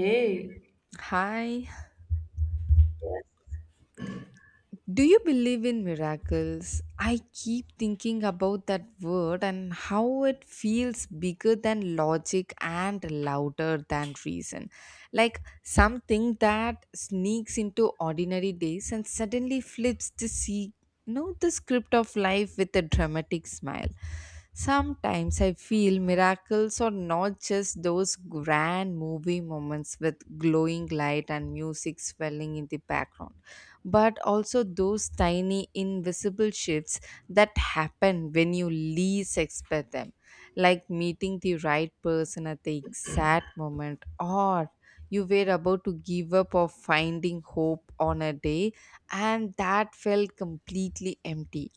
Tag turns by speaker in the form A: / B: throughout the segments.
A: Hey,
B: Hi. Do you believe in miracles? I keep thinking about that word and how it feels bigger than logic and louder than reason. Like something that sneaks into ordinary days and suddenly flips to see the script of life with a dramatic smile. Sometimes I feel miracles are not just those grand movie moments with glowing light and music swelling in the background but also those tiny invisible shifts that happen when you least expect them, like meeting the right person at the exact moment or you were about to give up or finding hope on a day and that felt completely empty.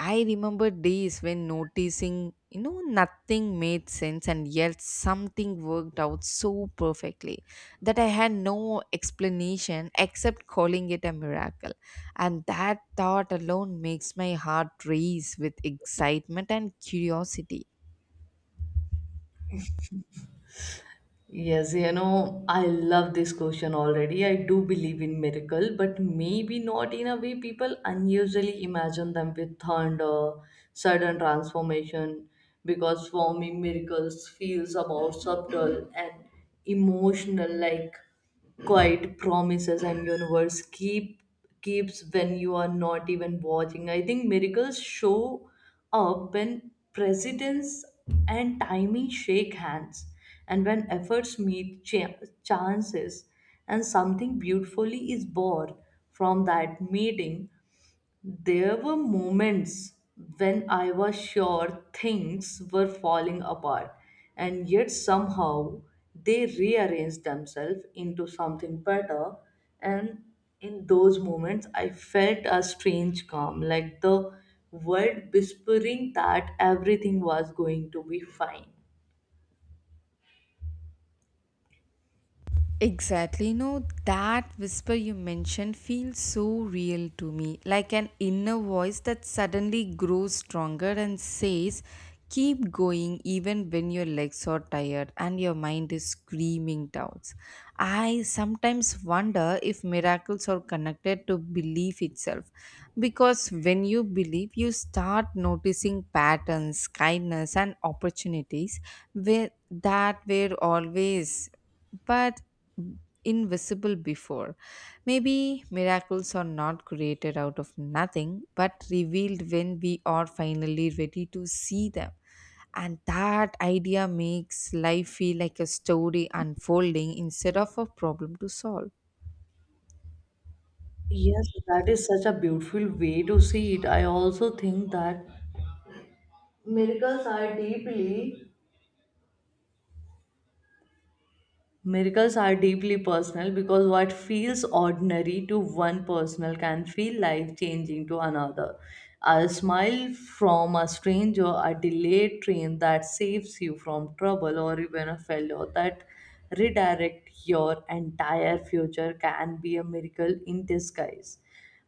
B: I remember days when noticing, nothing made sense and yet something worked out so perfectly that I had no explanation except calling it a miracle. And that thought alone makes my heart race with excitement and curiosity.
A: yes, you know, I love this question already. I do believe in miracle, but maybe not in a way people unusually imagine them with thunder, sudden transformation, because for me miracles feels about subtle and emotional like quite promises and universe keeps when you are not even watching. I think miracles show up when presidents and timing shake hands, and when efforts meet chances and something beautifully is born from that meeting. There were moments when I was sure things were falling apart, and yet somehow they rearranged themselves into something better. And in those moments, I felt a strange calm, like the world whispering that everything was going to be fine.
B: Exactly. That whisper you mentioned feels so real to me, like an inner voice that suddenly grows stronger and says, keep going even when your legs are tired and your mind is screaming doubts. I sometimes wonder if miracles are connected to belief itself. Because when you believe, you start noticing patterns, kindness, and opportunities where, that were always. But invisible before. Maybe miracles are not created out of nothing, but revealed when we are finally ready to see them. And that idea makes life feel like a story unfolding instead of a problem to solve.
A: Yes, that is such a beautiful way to see it. I also think that miracles are deeply Miracles are deeply personal because what feels ordinary to one personal can feel life changing to another. A smile from a stranger, a delayed train that saves you from trouble, or even a fellow that redirects your entire future can be a miracle in disguise.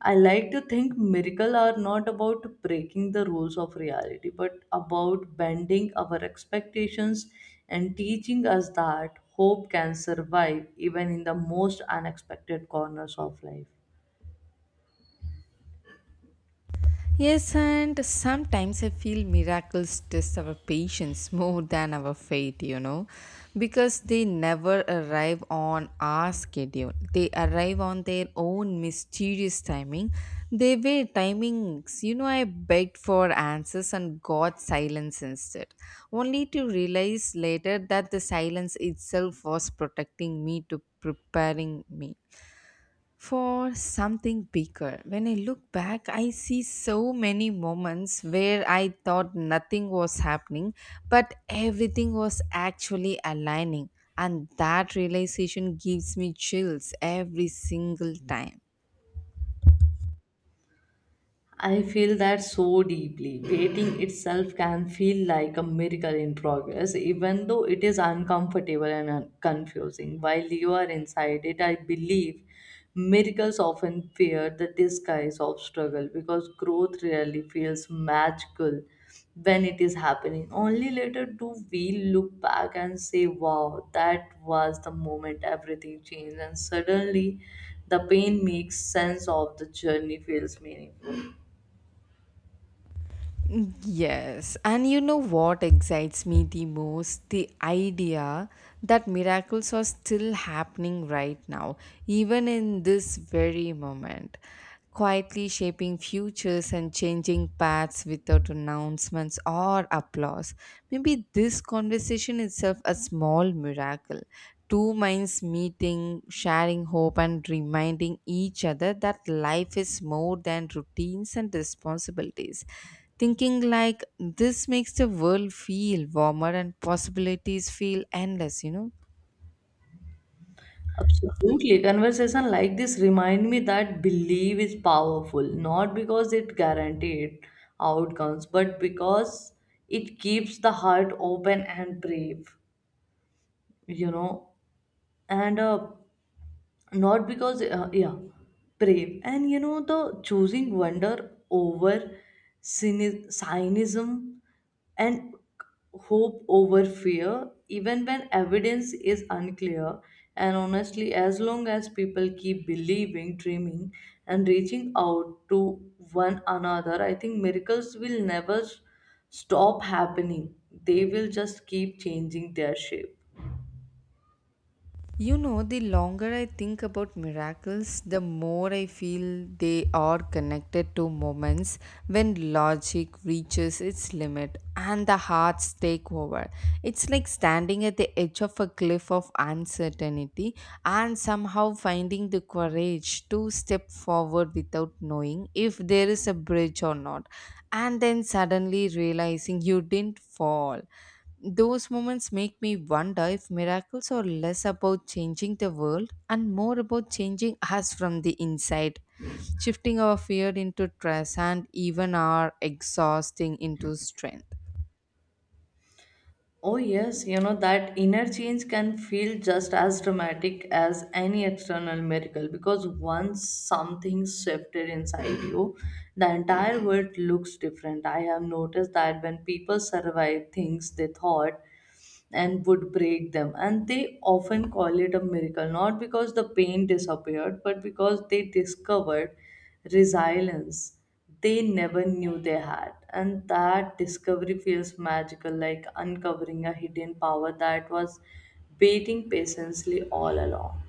A: I like to think miracles are not about breaking the rules of reality, but about bending our expectations and teaching us that hope can survive even in the most unexpected corners of life.
B: Yes, and sometimes I feel miracles test our patience more than our faith, because they never arrive on our schedule. They arrive on their own mysterious timing. They were timings, I begged for answers and got silence instead, only to realize later that the silence itself was protecting me to preparing me for something bigger. When I look back, I see so many moments where I thought nothing was happening, but everything was actually aligning. And that realization gives me chills every single time.
A: I feel that so deeply. Waiting itself can feel like a miracle in progress, even though it is uncomfortable and confusing. While you are inside it, I believe miracles often fear the disguise of struggle because growth rarely feels magical when it is happening. Only later do we look back and say, wow, that was the moment everything changed, and suddenly the pain makes sense of the journey feels meaningful.
B: Yes, and you know what excites me the most? The idea that miracles are still happening right now, even in this very moment, quietly shaping futures and changing paths without announcements or applause. Maybe this conversation itself a small miracle. Two minds meeting, sharing hope, and reminding each other that life is more than routines and responsibilities. Thinking like this makes the world feel warmer and possibilities feel endless.
A: Absolutely. Conversation like this remind me that belief is powerful, not because it guarantees outcomes, but because it keeps the heart open and brave, you know. And not because yeah, brave, and you know, the choosing wonder over cynicism and hope over fear even when evidence is unclear. And honestly, as long as people keep believing, dreaming, and reaching out to one another, I think miracles will never stop happening. They will just keep changing their shape.
B: The longer I think about miracles, the more I feel they are connected to moments when logic reaches its limit and the hearts take over. It's like standing at the edge of a cliff of uncertainty and somehow finding the courage to step forward without knowing if there is a bridge or not, and then suddenly realizing you didn't fall. Those moments make me wonder if miracles are less about changing the world and more about changing us from the inside, shifting our fear into trust and even our exhausting into strength.
A: Oh, yes, you know, that inner change can feel just as dramatic as any external miracle because once something shifted inside you, the entire world looks different. I have noticed that when people survive things they thought and would break them. And they often call it a miracle, not because the pain disappeared, but because they discovered resilience they never knew they had. And that discovery feels magical, like uncovering a hidden power that was waiting patiently all along.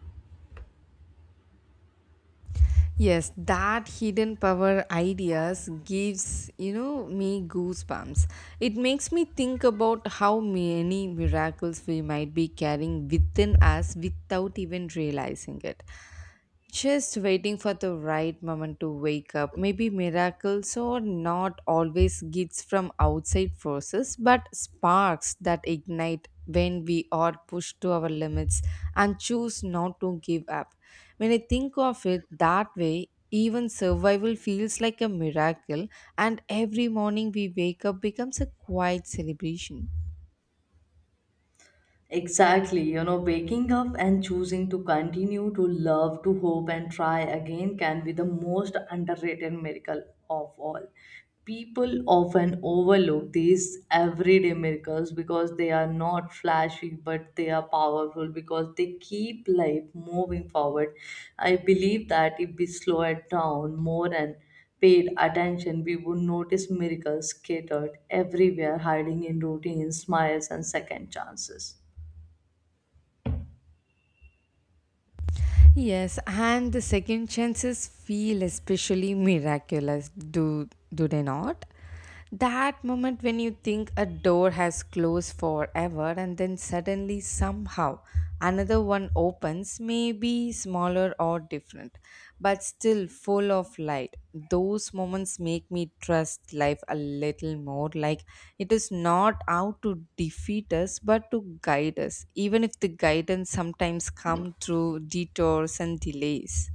B: Yes, that hidden power ideas gives, me goosebumps. It makes me think about how many miracles we might be carrying within us without even realizing it. Just waiting for the right moment to wake up. Maybe miracles are not always gifts from outside forces, but sparks that ignite when we are pushed to our limits and choose not to give up. When I think of it that way, even survival feels like a miracle, and every morning we wake up becomes a quiet celebration.
A: Exactly, you know, waking up and choosing to continue to love, to hope, and try again can be the most underrated miracle of all. People often overlook these everyday miracles because they are not flashy, but they are powerful because they keep life moving forward. I believe that if we slow it down more and paid attention, we would notice miracles scattered everywhere, hiding in routines, smiles, and second chances.
B: Yes, and the second chances feel especially miraculous, do they not? That moment when you think a door has closed forever and then suddenly somehow another one opens, maybe smaller or different, but still full of light. Those moments make me trust life a little more, like it is not out to defeat us but to guide us, even if the guidance sometimes comes through detours and delays.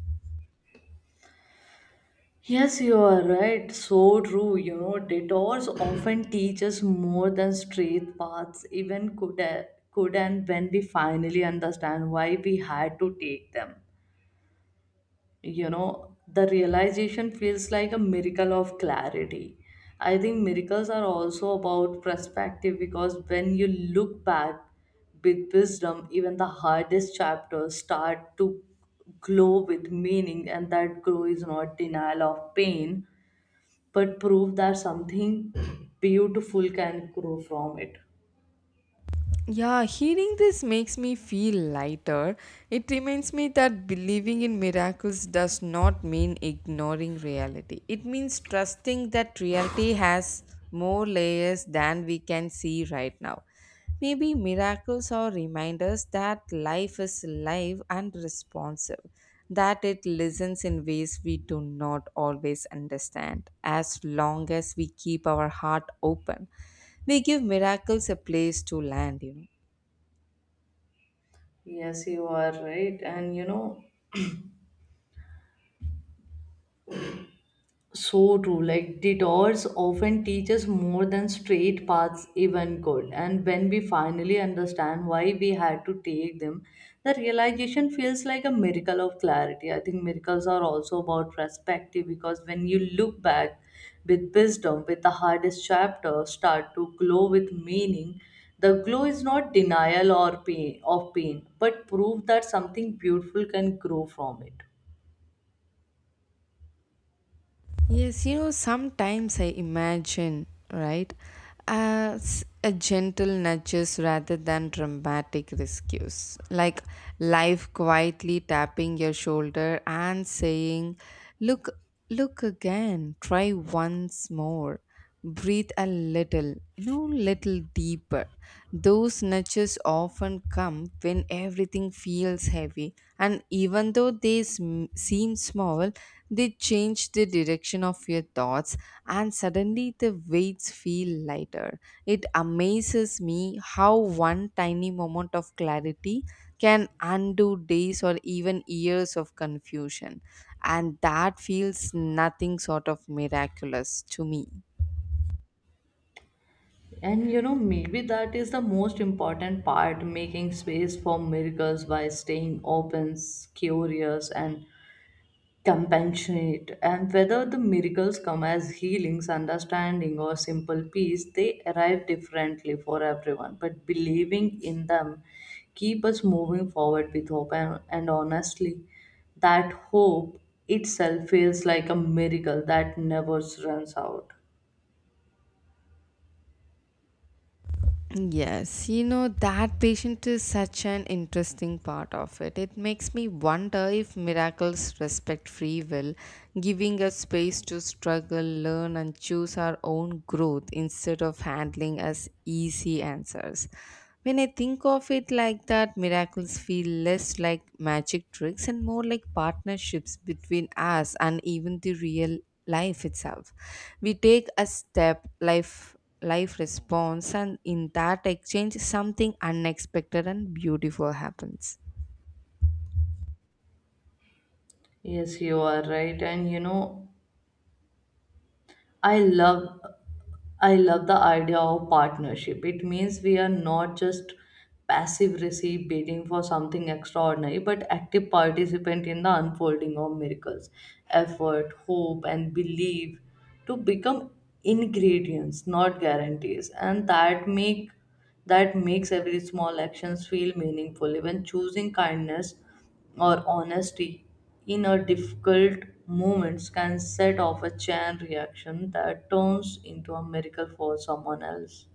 A: Yes, you are right. So true. You know, detours often teach us more than straight paths even could and when we finally understand why we had to take them. You know, the realization feels like a miracle of clarity. I think miracles are also about perspective because when you look back with wisdom, even the hardest chapters start to glow with meaning, and that glow is not denial of pain but prove that something beautiful can grow from it.
B: Yeah, hearing this makes me feel lighter. It reminds me that believing in miracles does not mean ignoring reality. It means trusting that reality has more layers than we can see right now. Maybe miracles are reminders that life is live and responsive, that it listens in ways we do not always understand, as long as we keep our heart open. They give miracles a place to land.
A: Yes, you are right. And you know, so true. Like detours often teach us more than straight paths even could. And when we finally understand why we had to take them, the realization feels like a miracle of clarity. I think miracles are also about perspective because when you look back with wisdom, with the hardest chapter start to glow with meaning, the glow is not denial or pain of pain, but proof that something beautiful can grow from it.
B: Yes, sometimes I imagine, right, as a gentle nudges rather than dramatic rescues. Like life quietly tapping your shoulder and saying, look, look again, try once more. Breathe a little little deeper. Those nudges often come when everything feels heavy, and even though they seem small, they change the direction of your thoughts, and suddenly the weights feel lighter. It amazes me how one tiny moment of clarity can undo days or even years of confusion, and that feels nothing sort of miraculous to me.
A: And you know, maybe that is the most important part making space for miracles by staying open, curious, and compassionate. And whether the miracles come as healings, understanding, or simple peace, they arrive differently for everyone. But believing in them keep us moving forward with hope. And honestly, that hope itself feels like a miracle that never runs out.
B: Yes, that patient is such an interesting part of it. It makes me wonder if miracles respect free will, giving us space to struggle, learn, and choose our own growth instead of handling us easy answers. When I think of it like that, miracles feel less like magic tricks and more like partnerships between us and even the real life itself. We take a step, life responds, and in that exchange something unexpected and beautiful happens.
A: Yes, you are right. And you know, I love I love the idea of partnership. It means we are not just passive receive waiting for something extraordinary, but active participant in the unfolding of miracles, effort, hope, and belief to become ingredients, not guarantees. And that makes every small actions feel meaningful. Even choosing kindness or honesty in a difficult moments can set off a chain reaction that turns into a miracle for someone else.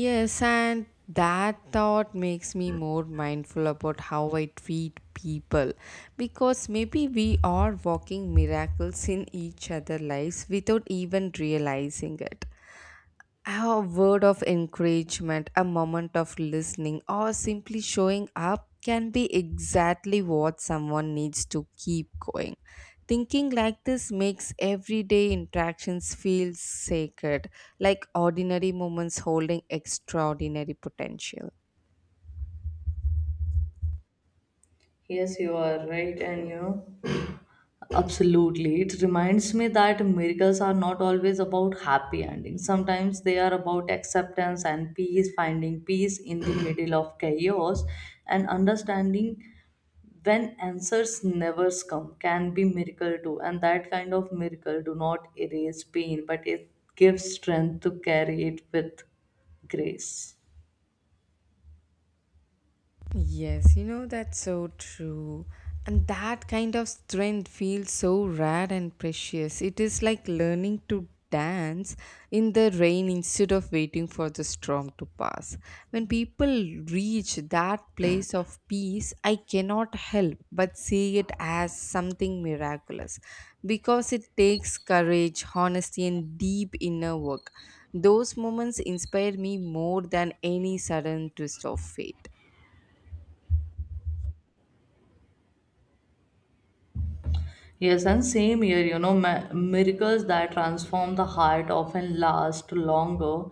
B: Yes, and that thought makes me more mindful about how I treat people, because maybe we are walking miracles in each other lives without even realizing it. A word of encouragement, a moment of listening, or simply showing up can be exactly what someone needs to keep going. Thinking like this makes everyday interactions feel sacred, like ordinary moments holding extraordinary potential.
A: Yes, you are right, and you know, absolutely. It reminds me that miracles are not always about happy endings. Sometimes they are about acceptance and peace, finding peace in the middle of chaos, and understanding when answers never come can be miracle too. And that kind of miracle do not erase pain but it gives strength to carry it with grace.
B: Yes, that's so true. And that kind of strength feels so rare and precious. It is like learning to dance in the rain instead of waiting for the storm to pass. When people reach that place of peace, I cannot help but see it as something miraculous because it takes courage, honesty, and deep inner work. Those moments inspire me more than any sudden twist of fate.
A: Yes, and same here, you know, miracles that transform the heart often last longer,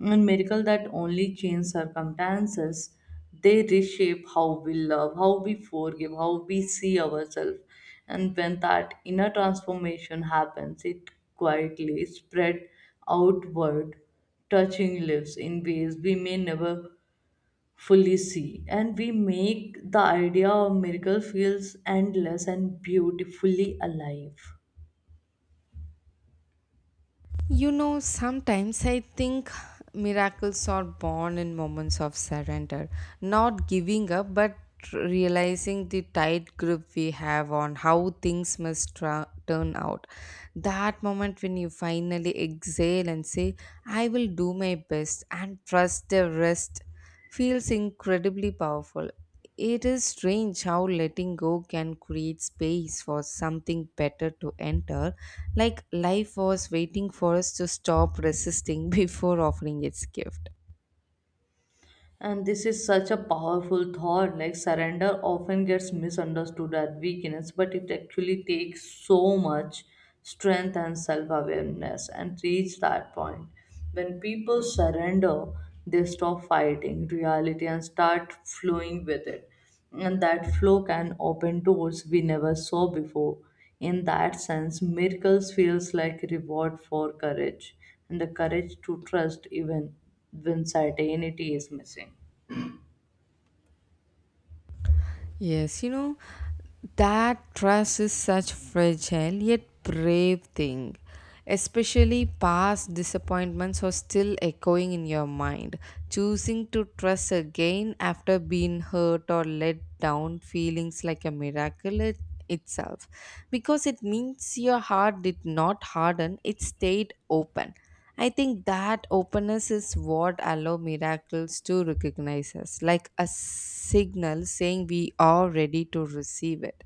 A: and miracles that only change circumstances, they reshape how we love, how we forgive, how we see ourselves. And when that inner transformation happens, it quietly spread outward, touching lives in ways we may never fully see, and we make the idea of miracle feels endless and beautifully alive.
B: Sometimes I think miracles are born in moments of surrender, not giving up, but realizing the tight grip we have on how things must turn out. That moment when you finally exhale and say, I will do my best and trust the rest feels incredibly powerful. It is strange how letting go can create space for something better to enter, like life was waiting for us to stop resisting before offering its gift.
A: And this is such a powerful thought, like surrender often gets misunderstood as weakness but it actually takes so much strength and self-awareness and reach that point. When people surrender, they stop fighting reality and start flowing with it, and that flow can open doors we never saw before. In that sense, miracles feels like reward for courage and the courage to trust even when certainty is missing.
B: Yes, that trust is such fragile yet brave thing. Especially past disappointments are still echoing in your mind. Choosing to trust again after being hurt or let down feelings like a miracle itself. Because it means your heart did not harden, it stayed open. I think that openness is what allow miracles to recognize us, like a signal saying we are ready to receive it.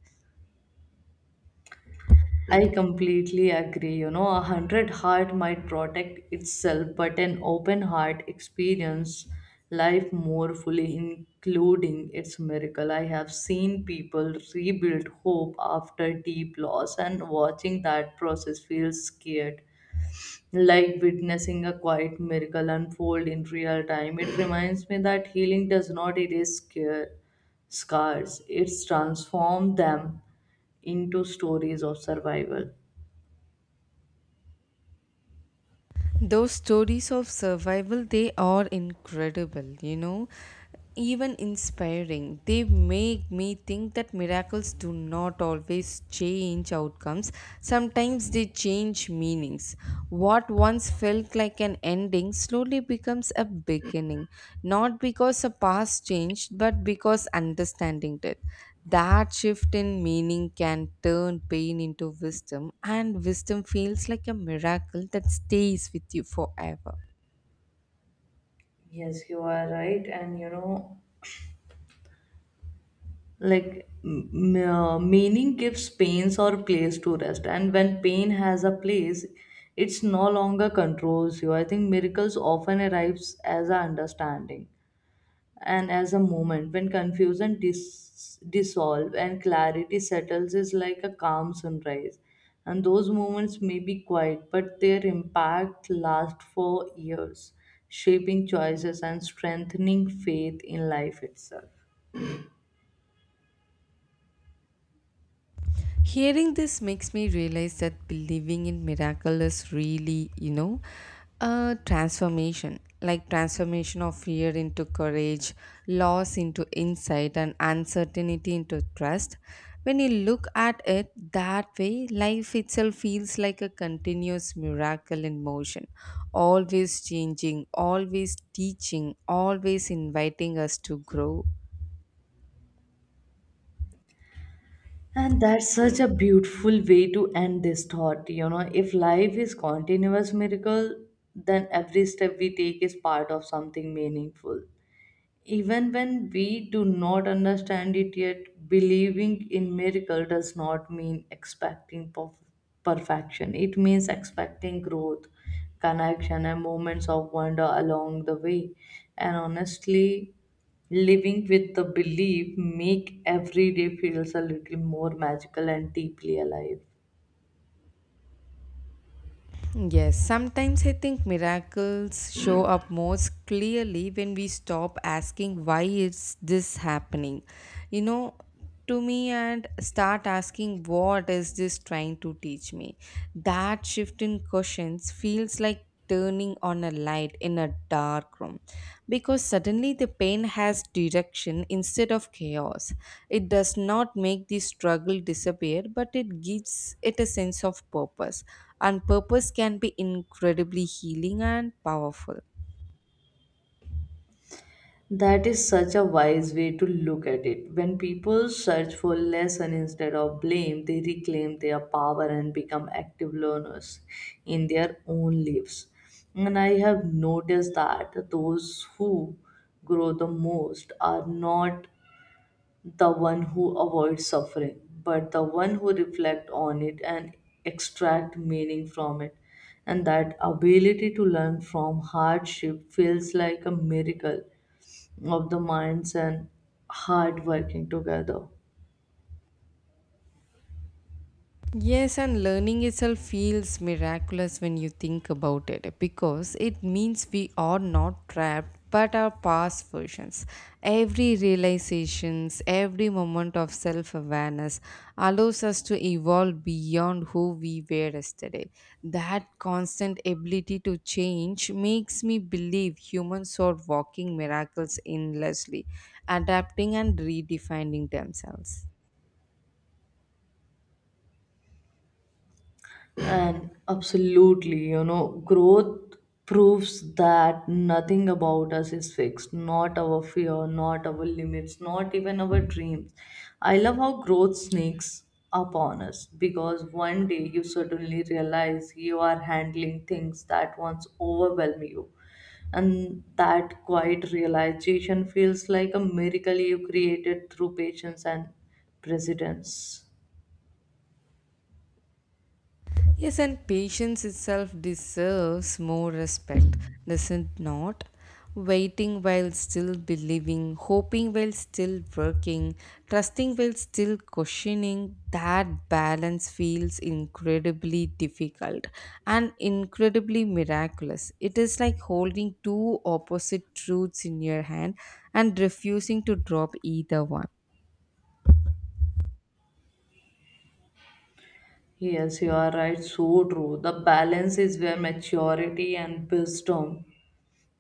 A: I completely agree. You know, a hundred heart might protect itself, but an open heart experience life more fully, including its miracle. I have seen people rebuild hope after deep loss, and watching that process feels scared, like witnessing a quiet miracle unfold in real time. It reminds me that healing does not erase scars, it's transformed them into stories of survival.
B: Those stories of survival, they are incredible, even inspiring. They make me think that miracles do not always change outcomes, sometimes they change meanings. What once felt like an ending slowly becomes a beginning, not because the past changed but because understanding did. That shift in meaning can turn pain into wisdom, and wisdom feels like a miracle that stays with you forever.
A: Yes, you are right. And you know, like meaning gives pains or place to rest. And when pain has a place, it's no longer controls you. I think miracles often arrives as a understanding and as a moment when confusion dissolve and clarity settles is like a calm sunrise, and those moments may be quiet but their impact lasts for years, shaping choices and strengthening faith in life itself.
B: Hearing this makes me realize that believing in miracle is really, a transformation, like transformation of fear into courage, loss into insight, and uncertainty into trust. When you look at it that way, life itself feels like a continuous miracle in motion, always changing, always teaching, always inviting us to grow.
A: And that's such a beautiful way to end this thought. You know, if life is continuous miracle, then every step we take is part of something meaningful. Even when we do not understand it yet, believing in miracle does not mean expecting perfection. It means expecting growth, connection, and moments of wonder along the way. And honestly, living with the belief make every day feels a little more magical and deeply alive.
B: Yes, sometimes I think miracles show up most clearly when we stop asking why is this happening. You know, to me, and start asking what is this trying to teach me. That shift in questions feels like turning on a light in a dark room, because suddenly the pain has direction instead of chaos. It does not make the struggle disappear, but it gives it a sense of purpose. And purpose can be incredibly healing and powerful.
A: That is such a wise way to look at it. When people search for lesson instead of blame, they reclaim their power and become active learners in their own lives. And I have noticed that those who grow the most are not the one who avoid suffering, but the one who reflect on it and extract meaning from it. And that ability to learn from hardship feels like a miracle of the minds and hard working together.
B: Yes, and learning itself feels miraculous when you think about it, because it means we are not trapped but our past versions. Every realizations, every moment of self-awareness allows us to evolve beyond who we were yesterday. That constant ability to change makes me believe humans are walking miracles endlessly, adapting and redefining themselves.
A: And absolutely, you know, growth proves that nothing about us is fixed, not our fear, not our limits, not even our dreams. I love how growth sneaks upon us because one day you suddenly realize you are handling things that once overwhelm you. And that quiet realization feels like a miracle you created through patience and precedence.
B: Yes, and patience itself deserves more respect, does it not? Waiting while still believing, hoping while still working, trusting while still questioning, that balance feels incredibly difficult and incredibly miraculous. It is like holding two opposite truths in your hand and refusing to drop either one.
A: Yes, you are right. So true. The balance is where maturity and wisdom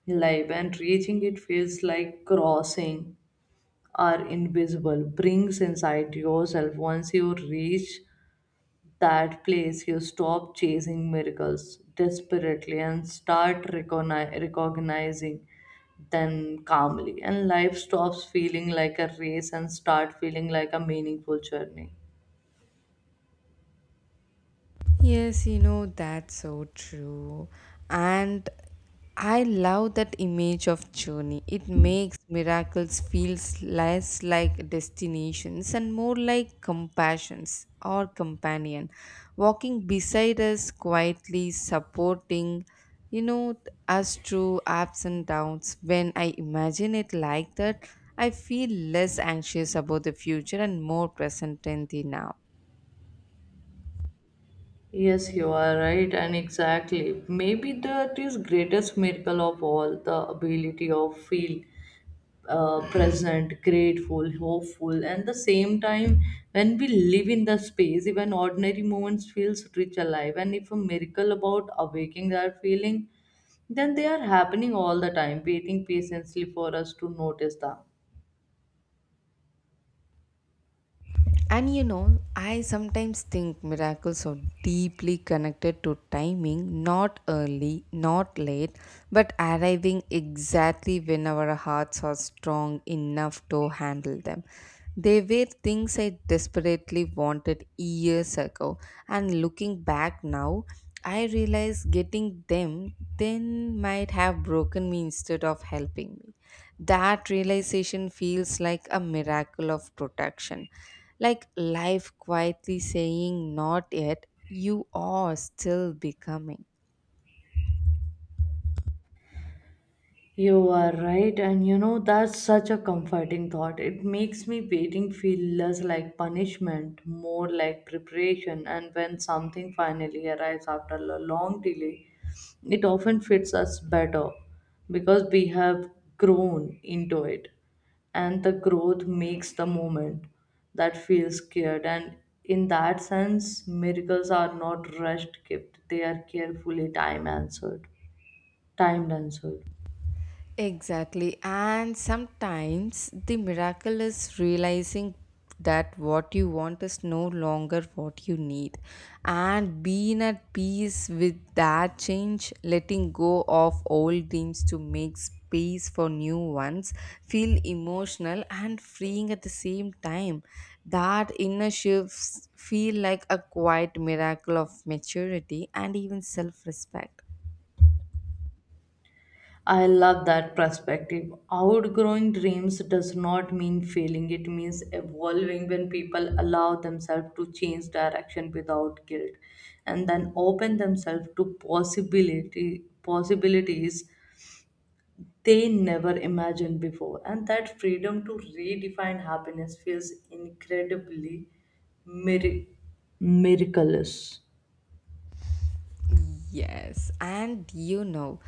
A: lie. When reaching it feels like crossing are invisible brings inside yourself. Once you reach that place, you stop chasing miracles desperately and start recognizing them calmly. And life stops feeling like a race and start feeling like a meaningful journey.
B: Yes, that's so true. And I love that image of journey. It makes miracles feels less like destinations and more like compassions or companion walking beside us quietly supporting you know us through ups and downs. When I imagine it like that, I feel less anxious about the future and more present in the now.
A: Yes, you are right, and exactly. Maybe that is greatest miracle of all, the ability of feel present, grateful, hopeful, and the same time when we live in the space, even ordinary moments feels rich alive. And if a miracle about awaking that feeling, then they are happening all the time, waiting patiently for us to notice them.
B: And I sometimes think miracles are deeply connected to timing, not early, not late, but arriving exactly when our hearts are strong enough to handle them. They were things I desperately wanted years ago, and looking back now, I realize getting them then might have broken me instead of helping me. That realization feels like a miracle of protection, like life quietly saying not yet, you are still becoming.
A: You are right, and you know that's such a comforting thought. It makes me waiting feel less like punishment, more like preparation. And when something finally arrives after a long delay, it often fits us better because we have grown into it. And the growth makes the moment that feels scared. And in that sense, miracles are not rushed gift; they are carefully timed answered.
B: Exactly. And sometimes the miracle is realizing that what you want is no longer what you need, and being at peace with that change, letting go of old dreams to make space for new ones, feel emotional and freeing at the same time. That inner shifts feel like a quiet miracle of maturity and even self respect.
A: I love that perspective. Outgrowing dreams does not mean failing, it means evolving when people allow themselves to change direction without guilt and then open themselves to possibility possibilities they never imagined before. And that freedom to redefine happiness feels incredibly mir- miraculous.
B: Yes, and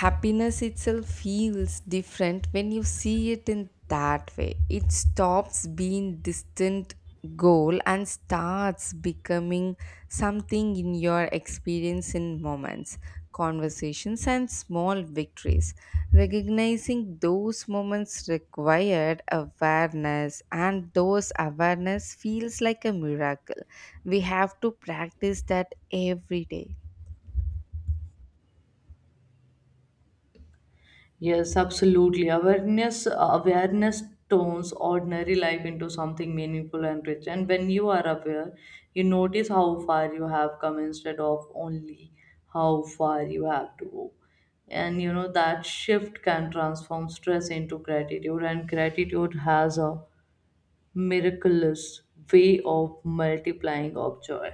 B: happiness itself feels different when you see it in that way. It stops being distant goal and starts becoming something in your experience in moments, conversations, and small victories. Recognizing those moments required awareness, and those awareness feels like a miracle we have to practice that every day.
A: Yes, absolutely. Awareness turns ordinary life into something meaningful and rich. And when you are aware, you notice how far you have come instead of only how far you have to go. And you know that shift can transform stress into gratitude, and gratitude has a miraculous way of multiplying of joy.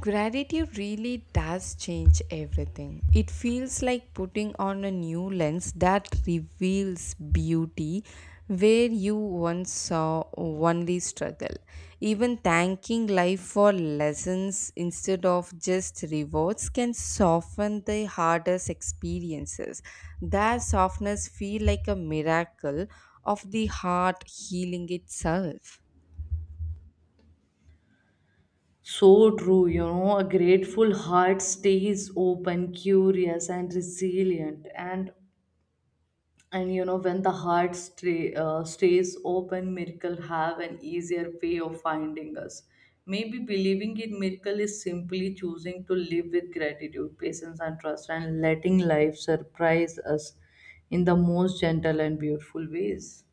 B: Gratitude really does change everything. It feels like putting on a new lens that reveals beauty where you once saw only struggle. Even thanking life for lessons instead of just rewards can soften the hardest experiences. That softness feels like a miracle of the heart healing itself.
A: So true, you know, a grateful heart stays open, curious, and resilient. And you know, when the heart stays open, miracle have an easier way of finding us. Maybe believing in miracle is simply choosing to live with gratitude, patience, and trust, and letting life surprise us in the most gentle and beautiful ways.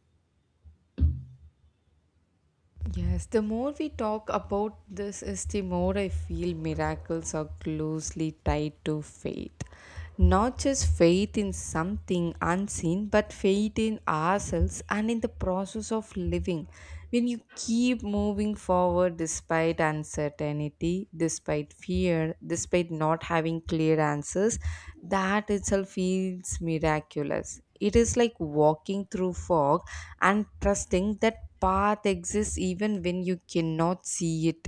B: Yes, the more we talk about this, is the more I feel miracles are closely tied to faith. Not just faith in something unseen, but faith in ourselves and in the process of living. When you keep moving forward despite uncertainty, despite fear, despite not having clear answers, that itself feels miraculous. It is like walking through fog and trusting that path exists even when you cannot see it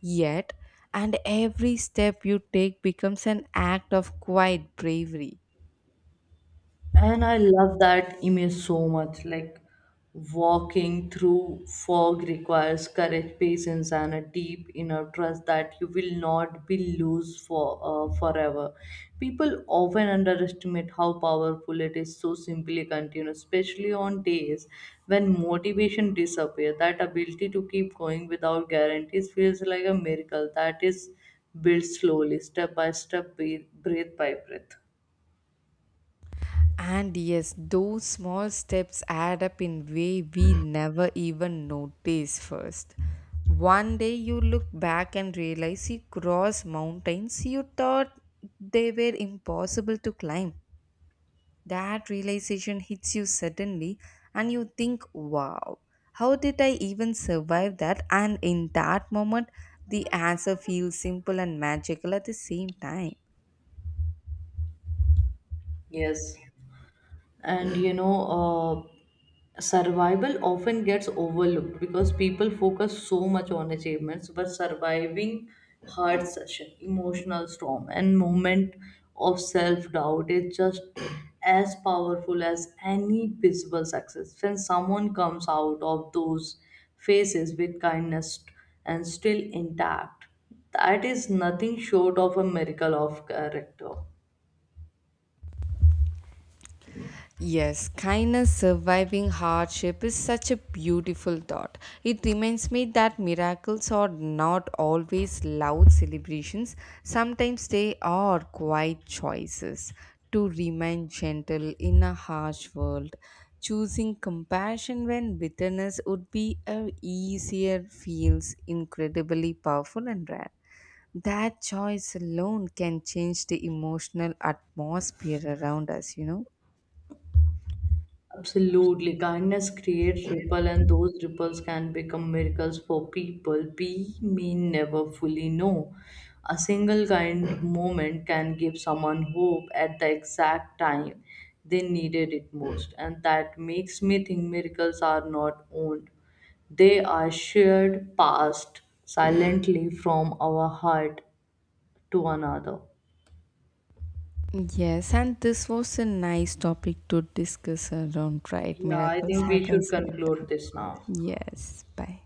B: yet, and every step you take becomes an act of quiet bravery.
A: And I love that image so much. Like walking through fog requires courage, patience, and a deep inner trust that you will not be loose for forever. People often underestimate how powerful it is so simply continue, especially on days when motivation disappears. That ability to keep going without guarantees feels like a miracle that is built slowly, step by step, breath by breath.
B: And yes, those small steps add up in way we never even notice first. One day you look back and realize you cross mountains you thought they were impossible to climb. That realization hits you suddenly, and you think, wow, how did I even survive that? And in that moment, the answer feels simple and magical at the same time.
A: Yes. And you know, survival often gets overlooked because people focus so much on achievements but surviving hard session emotional storm and moment of self-doubt is just as powerful as any visible success. When someone comes out of those phases with kindness and still intact, that is nothing short of a miracle of character.
B: Yes, kindness surviving hardship is such a beautiful thought. It reminds me that miracles are not always loud celebrations, sometimes they are quiet choices to remain gentle in a harsh world. Choosing compassion when bitterness would be a easier feels incredibly powerful and rare. That choice alone can change the emotional atmosphere around us.
A: Absolutely. Kindness creates ripple, and those ripples can become miracles for people we may never fully know. A single kind moment can give someone hope at the exact time they needed it most, and that makes me think miracles are not owned. They are shared, passed silently from our heart to another.
B: Yes, and this was a nice topic to discuss around, right?
A: Yeah, I
B: Miracles
A: think we
B: happens
A: should
B: around.
A: conclude this now.
B: Yes, bye.